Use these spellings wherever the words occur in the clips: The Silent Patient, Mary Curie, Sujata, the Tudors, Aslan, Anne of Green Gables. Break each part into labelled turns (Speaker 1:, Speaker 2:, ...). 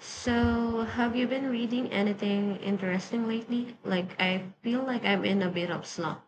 Speaker 1: So, have you been reading anything interesting lately? Like, I feel like I'm in a bit of slump.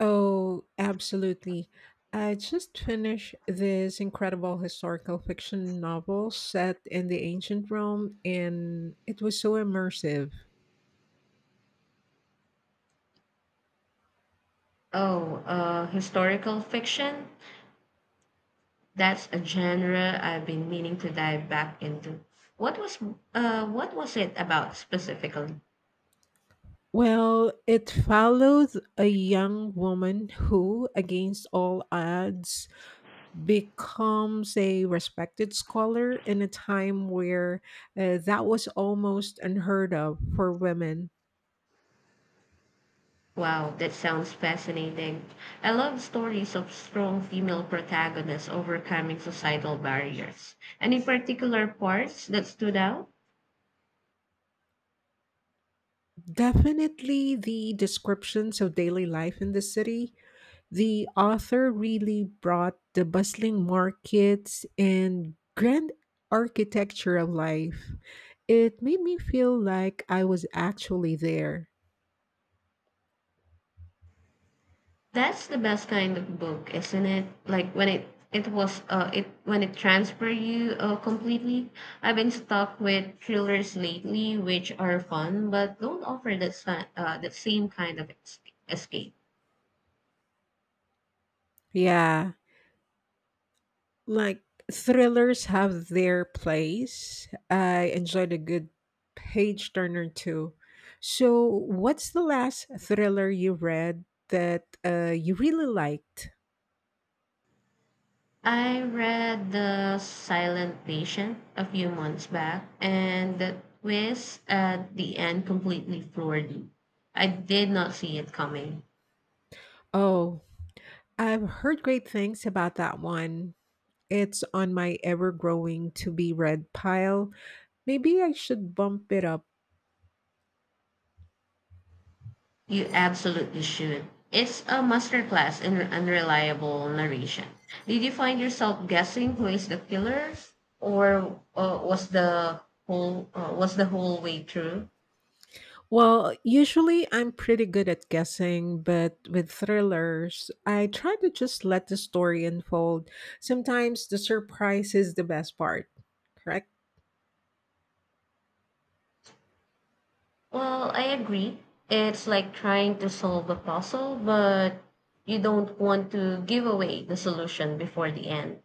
Speaker 2: Oh, absolutely. I just finished this incredible historical fiction novel set in the ancient Rome, and it was so immersive.
Speaker 1: Oh, historical fiction? That's a genre I've been meaning to dive back into. What was, what was it about specifically?
Speaker 2: Well, it follows a young woman who, against all odds, becomes a respected scholar in a time where that was almost unheard of for women.
Speaker 1: Wow, that sounds fascinating. I love stories of strong female protagonists overcoming societal barriers. Any particular parts that stood out?
Speaker 2: Definitely the descriptions of daily life in the city. The author really brought the bustling markets and grand architecture of life. It made me feel like I was actually there.
Speaker 1: That's the best kind of book, isn't it? Like when it was it when it transfer you completely. I've been stuck with thrillers lately, which are fun but don't offer that same kind of escape.
Speaker 2: Yeah. Like thrillers have their place. I enjoyed a good page turner too. So, what's the last thriller you read that you really liked?
Speaker 1: I read The Silent Patient a few months back, and the twist at the end completely floored me. I did not see it coming.
Speaker 2: Oh, I've heard great things about that one. It's on my ever growing to be read pile. Maybe I should bump it up.
Speaker 1: You absolutely should. It's a masterclass in unreliable narration. Did you find yourself guessing who is the killer, or was the whole way through?
Speaker 2: Well, usually I'm pretty good at guessing, but with thrillers, I try to just let the story unfold. Sometimes the surprise is the best part, correct?
Speaker 1: Well, I agree. It's like trying to solve a puzzle, but you don't want to give away the solution before the end.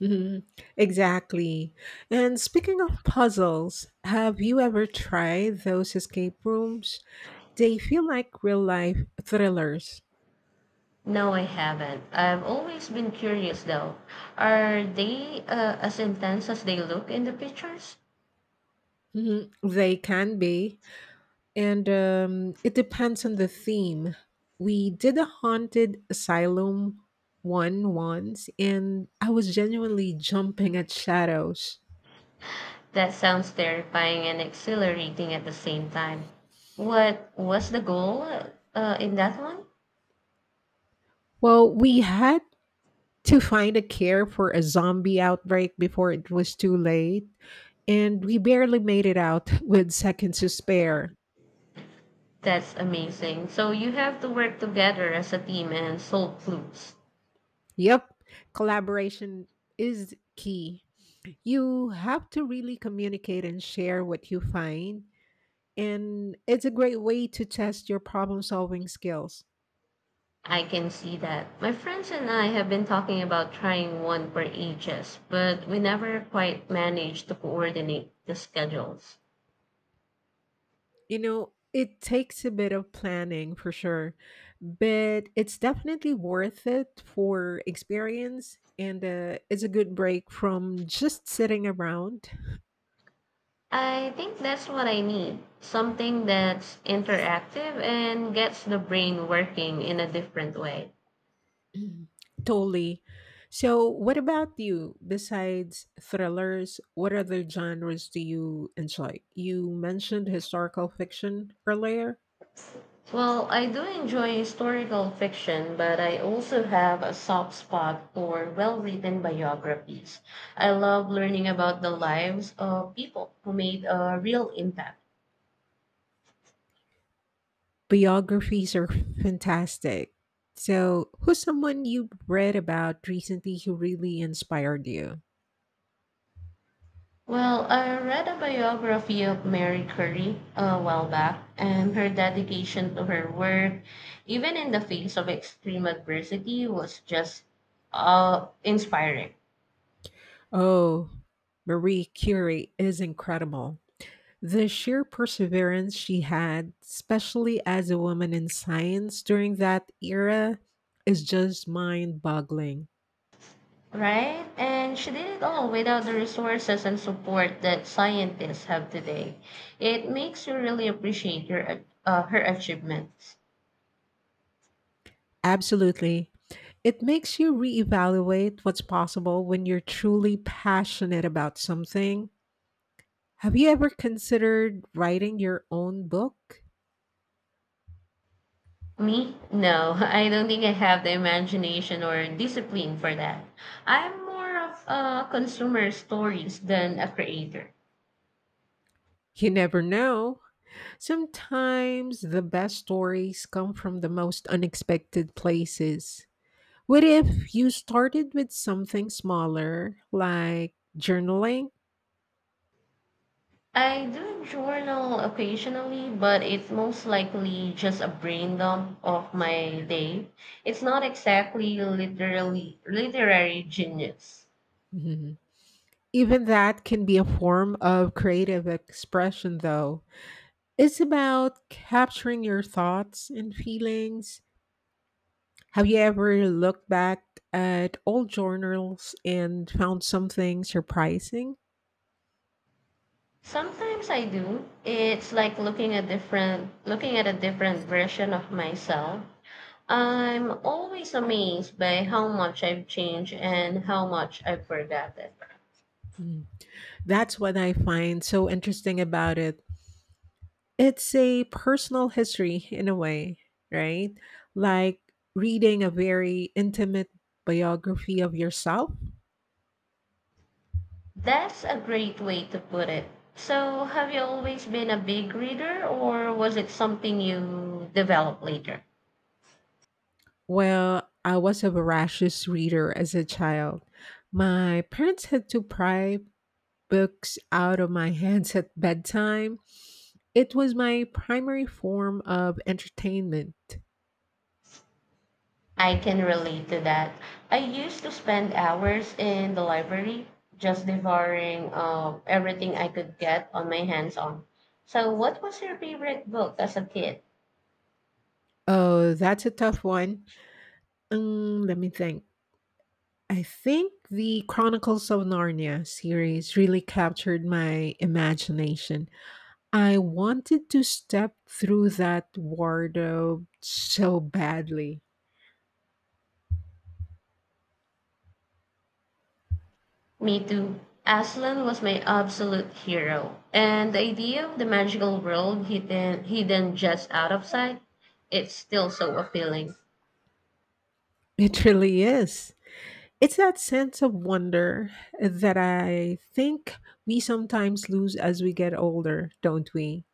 Speaker 2: Mhm. Exactly. And speaking of puzzles, have you ever tried those escape rooms? They feel like real life thrillers.
Speaker 1: No, I haven't. I've always been curious though. Are they as intense as they look in the pictures?
Speaker 2: Mhm. They can be. And it depends on the theme. We did a haunted asylum one once, and I was genuinely jumping at shadows.
Speaker 1: That sounds terrifying and exhilarating at the same time. What was the goal in that one?
Speaker 2: Well, we had to find a care for a zombie outbreak before it was too late, and we barely made it out with seconds to spare.
Speaker 1: That's amazing. So you have to work together as a team and solve clues.
Speaker 2: Yep, collaboration is key. You have to really communicate and share what you find, and it's a great way to test your problem solving skills.
Speaker 1: I can see that. My friends and I have been talking about trying one for ages, but we never quite managed to coordinate the schedules.
Speaker 2: You know, it takes a bit of planning for sure, but it's definitely worth it for experience, and it's a good break from just sitting around.
Speaker 1: I think that's what I need, something that's interactive and gets the brain working in a different way.
Speaker 2: Totally. So, what about you? Besides thrillers, what other genres do you enjoy? You mentioned historical fiction earlier.
Speaker 1: Well, I do enjoy historical fiction, but I also have a soft spot for well written biographies. I love learning about the lives of people who made a real impact.
Speaker 2: Biographies are fantastic. So, who's someone you read about recently who really inspired you?
Speaker 1: Well, I read a biography of Mary Curie a while back, and her dedication to her work, even in the face of extreme adversity, was just inspiring.
Speaker 2: Oh, Marie Curie is incredible. The sheer perseverance she had, especially as a woman in science during that era, is just mind boggling.
Speaker 1: Right? And she did it all without the resources and support that scientists have today. It makes you really appreciate her achievements.
Speaker 2: Absolutely. It makes you reevaluate what's possible when you're truly passionate about something. Have you ever considered writing your own book?
Speaker 1: Me? No, I don't think I have the imagination or discipline for that. I'm more of a consumer stories than a creator.
Speaker 2: You never know. Sometimes the best stories come from the most unexpected places. What if you started with something smaller, like journaling?
Speaker 1: I do journal occasionally, but it's most likely just a brain dump of my day. It's not exactly literally literary genius.
Speaker 2: Mhm. Even that can be a form of creative expression, though. It's about capturing your thoughts and feelings. Have you ever looked back at old journals and found something surprising?
Speaker 1: Sometimes I do. It's like looking at a different version of myself. I'm always amazed by how much I've changed and how much I've forgotten.
Speaker 2: Mm. That's what I find so interesting about it. It's a personal history in a way, right? Like reading a very intimate biography of yourself.
Speaker 1: That's a great way to put it. So, have you always been a big reader, or was it something you developed later?
Speaker 2: Well, I was a voracious reader as a child. My parents had to pry books out of my hands at bedtime. It was my primary form of entertainment.
Speaker 1: I can relate to that. I used to spend hours in the library just devouring everything I could get on my hands on. So, what was your favorite book as a kid?
Speaker 2: Oh, that's a tough one. Let me think. I think the Chronicles of Narnia series really captured my imagination. I wanted to step through that wardrobe so badly.
Speaker 1: Me too. Aslan was my absolute hero. And the idea of the magical world hidden just out of sight, it's still so appealing.
Speaker 2: It really is. It's that sense of wonder that I think we sometimes lose as we get older, don't we?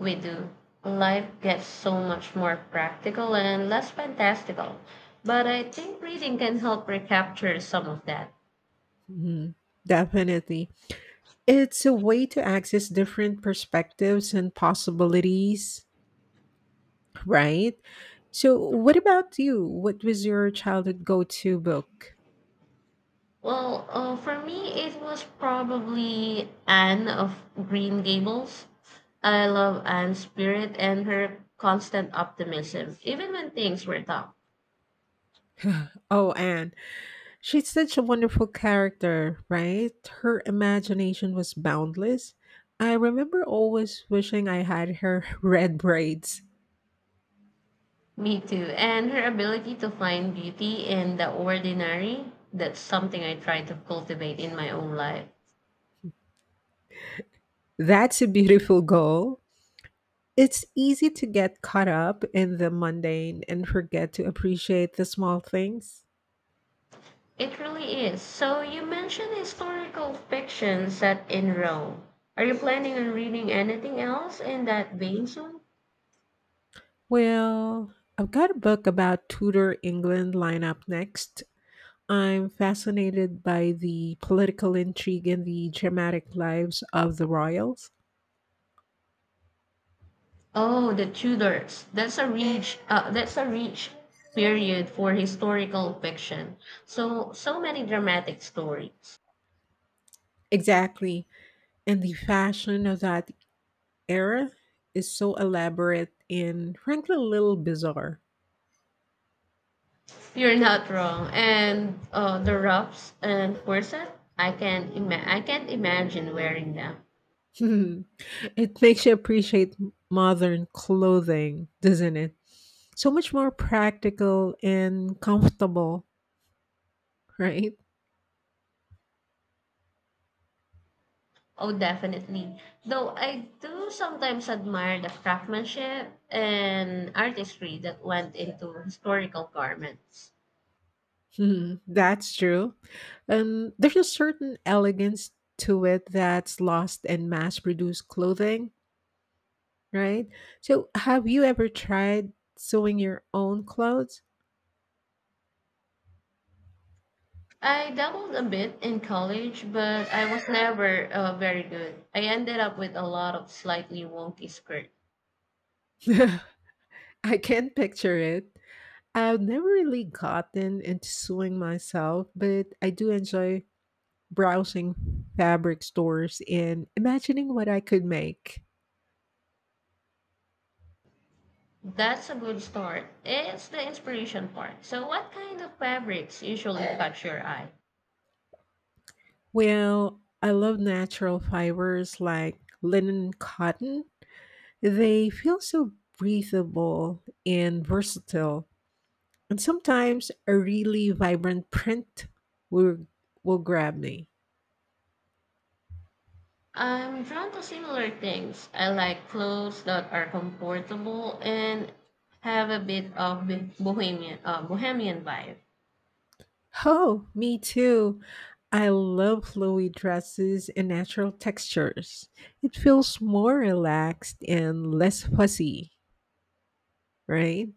Speaker 1: We do. Life gets so much more practical and less fantastical. But I think reading can help recapture some of that.
Speaker 2: Mhm. Definitely. It's a way to access different perspectives and possibilities, right? So, what about you? What was your childhood go to book?
Speaker 1: For me, it was probably Anne of Green Gables. I love Anne's spirit and her constant optimism, even when things were tough.
Speaker 2: Oh, Anne. She's such a wonderful character, right? Her imagination was boundless. I remember always wishing I had her red braids.
Speaker 1: Me too. And her ability to find beauty in the ordinary, that's something I try to cultivate in my own life.
Speaker 2: That's a beautiful goal. It's easy to get caught up in the mundane and forget to appreciate the small things.
Speaker 1: It really is. So you mentioned historical fiction set in Rome. Are you planning on reading anything else in that vein soon?
Speaker 2: Well, I've got a book about Tudor England lineup next. I'm fascinated by the political intrigue and the dramatic lives of the royals.
Speaker 1: Oh, the Tudors. That's a rich period for historical fiction. So many dramatic stories.
Speaker 2: Exactly. And the fashion of that era is so elaborate and frankly a little bizarre.
Speaker 1: You're not wrong. And the ruffs and corset, I can not ima- I can't imagine wearing them.
Speaker 2: It makes you appreciate modern clothing, doesn't it? So much more practical and comfortable, right?
Speaker 1: Oh, definitely. Though I do sometimes admire the craftsmanship and artistry that went into historical garments.
Speaker 2: Mhm, that's true. And there's a certain elegance to it that's lost in mass produced clothing, right? So, have you ever tried sewing your own clothes?
Speaker 1: I dabbled a bit in college, but I was never very good. I ended up with a lot of slightly wonky skirt.
Speaker 2: I can't picture it. I've never really gotten into sewing myself, but I do enjoy browsing fabric stores and imagining what I could make.
Speaker 1: That's a good start. It's the inspiration part. So, what kind of fabrics usually catch your eye?
Speaker 2: Well, I love natural fibers like linen and cotton. They feel so breathable and versatile. And sometimes a really vibrant print will, will grab me.
Speaker 1: I'm drawn to similar things. I like clothes that are comfortable and have a bit of bohemian vibe.
Speaker 2: Oh, me too. I love flowy dresses and natural textures. It feels more relaxed and less fussy, right?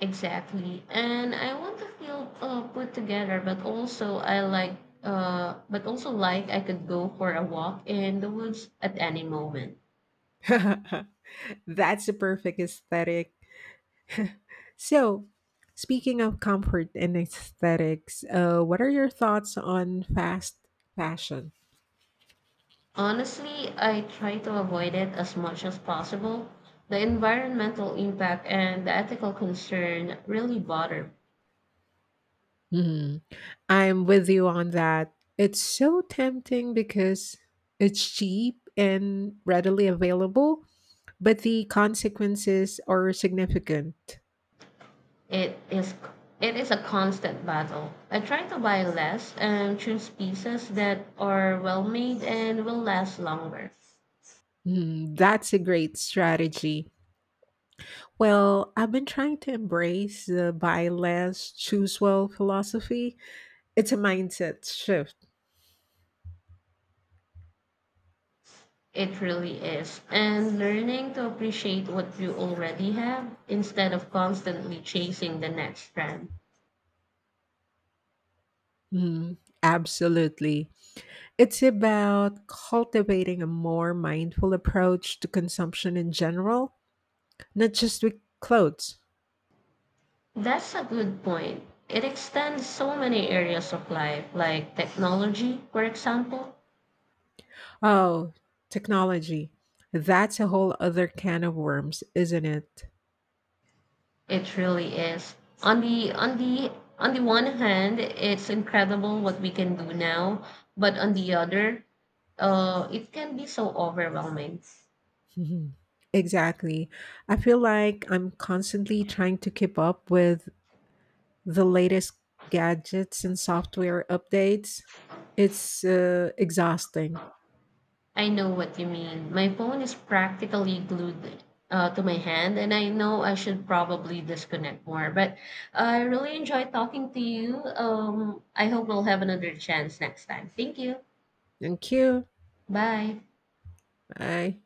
Speaker 1: Exactly. And I want to feel put together, but also like I could go for a walk in the woods at any moment.
Speaker 2: That's the perfect aesthetic. So, speaking of comfort and aesthetics, what are your thoughts on fast fashion?
Speaker 1: Honestly, I try to avoid it as much as possible. The environmental impact and the ethical concern really bother
Speaker 2: Hmm. I'm with you on that. It's so tempting because it's cheap and readily available, but the consequences are significant.
Speaker 1: It is it is a constant battle. I try to buy less and choose pieces that are well made and will last longer.
Speaker 2: Mm, that's a great strategy. Well, I've been trying to embrace the buy less, choose well philosophy. It's a mindset shift.
Speaker 1: It really is. And learning to appreciate what you already have instead of constantly chasing the next trend.
Speaker 2: Mm, absolutely. It's about cultivating a more mindful approach to consumption in general, not just with clothes.
Speaker 1: That's a good point. It extends so many areas of life, like technology, for example.
Speaker 2: Oh, technology. That's a whole other can of worms, isn't it?
Speaker 1: It really is. On the on the on the one hand, it's incredible what we can do now, but on the other, it can be so overwhelming.
Speaker 2: Mhm. Exactly. I feel like I'm constantly trying to keep up with the latest gadgets and software updates. It's exhausting.
Speaker 1: I know what you mean. My phone is practically glued to my hand, and I know I should probably disconnect more. But I really enjoyed talking to you. I hope we'll have another chance next time. Thank you.
Speaker 2: Thank you.
Speaker 1: Bye.
Speaker 2: Bye.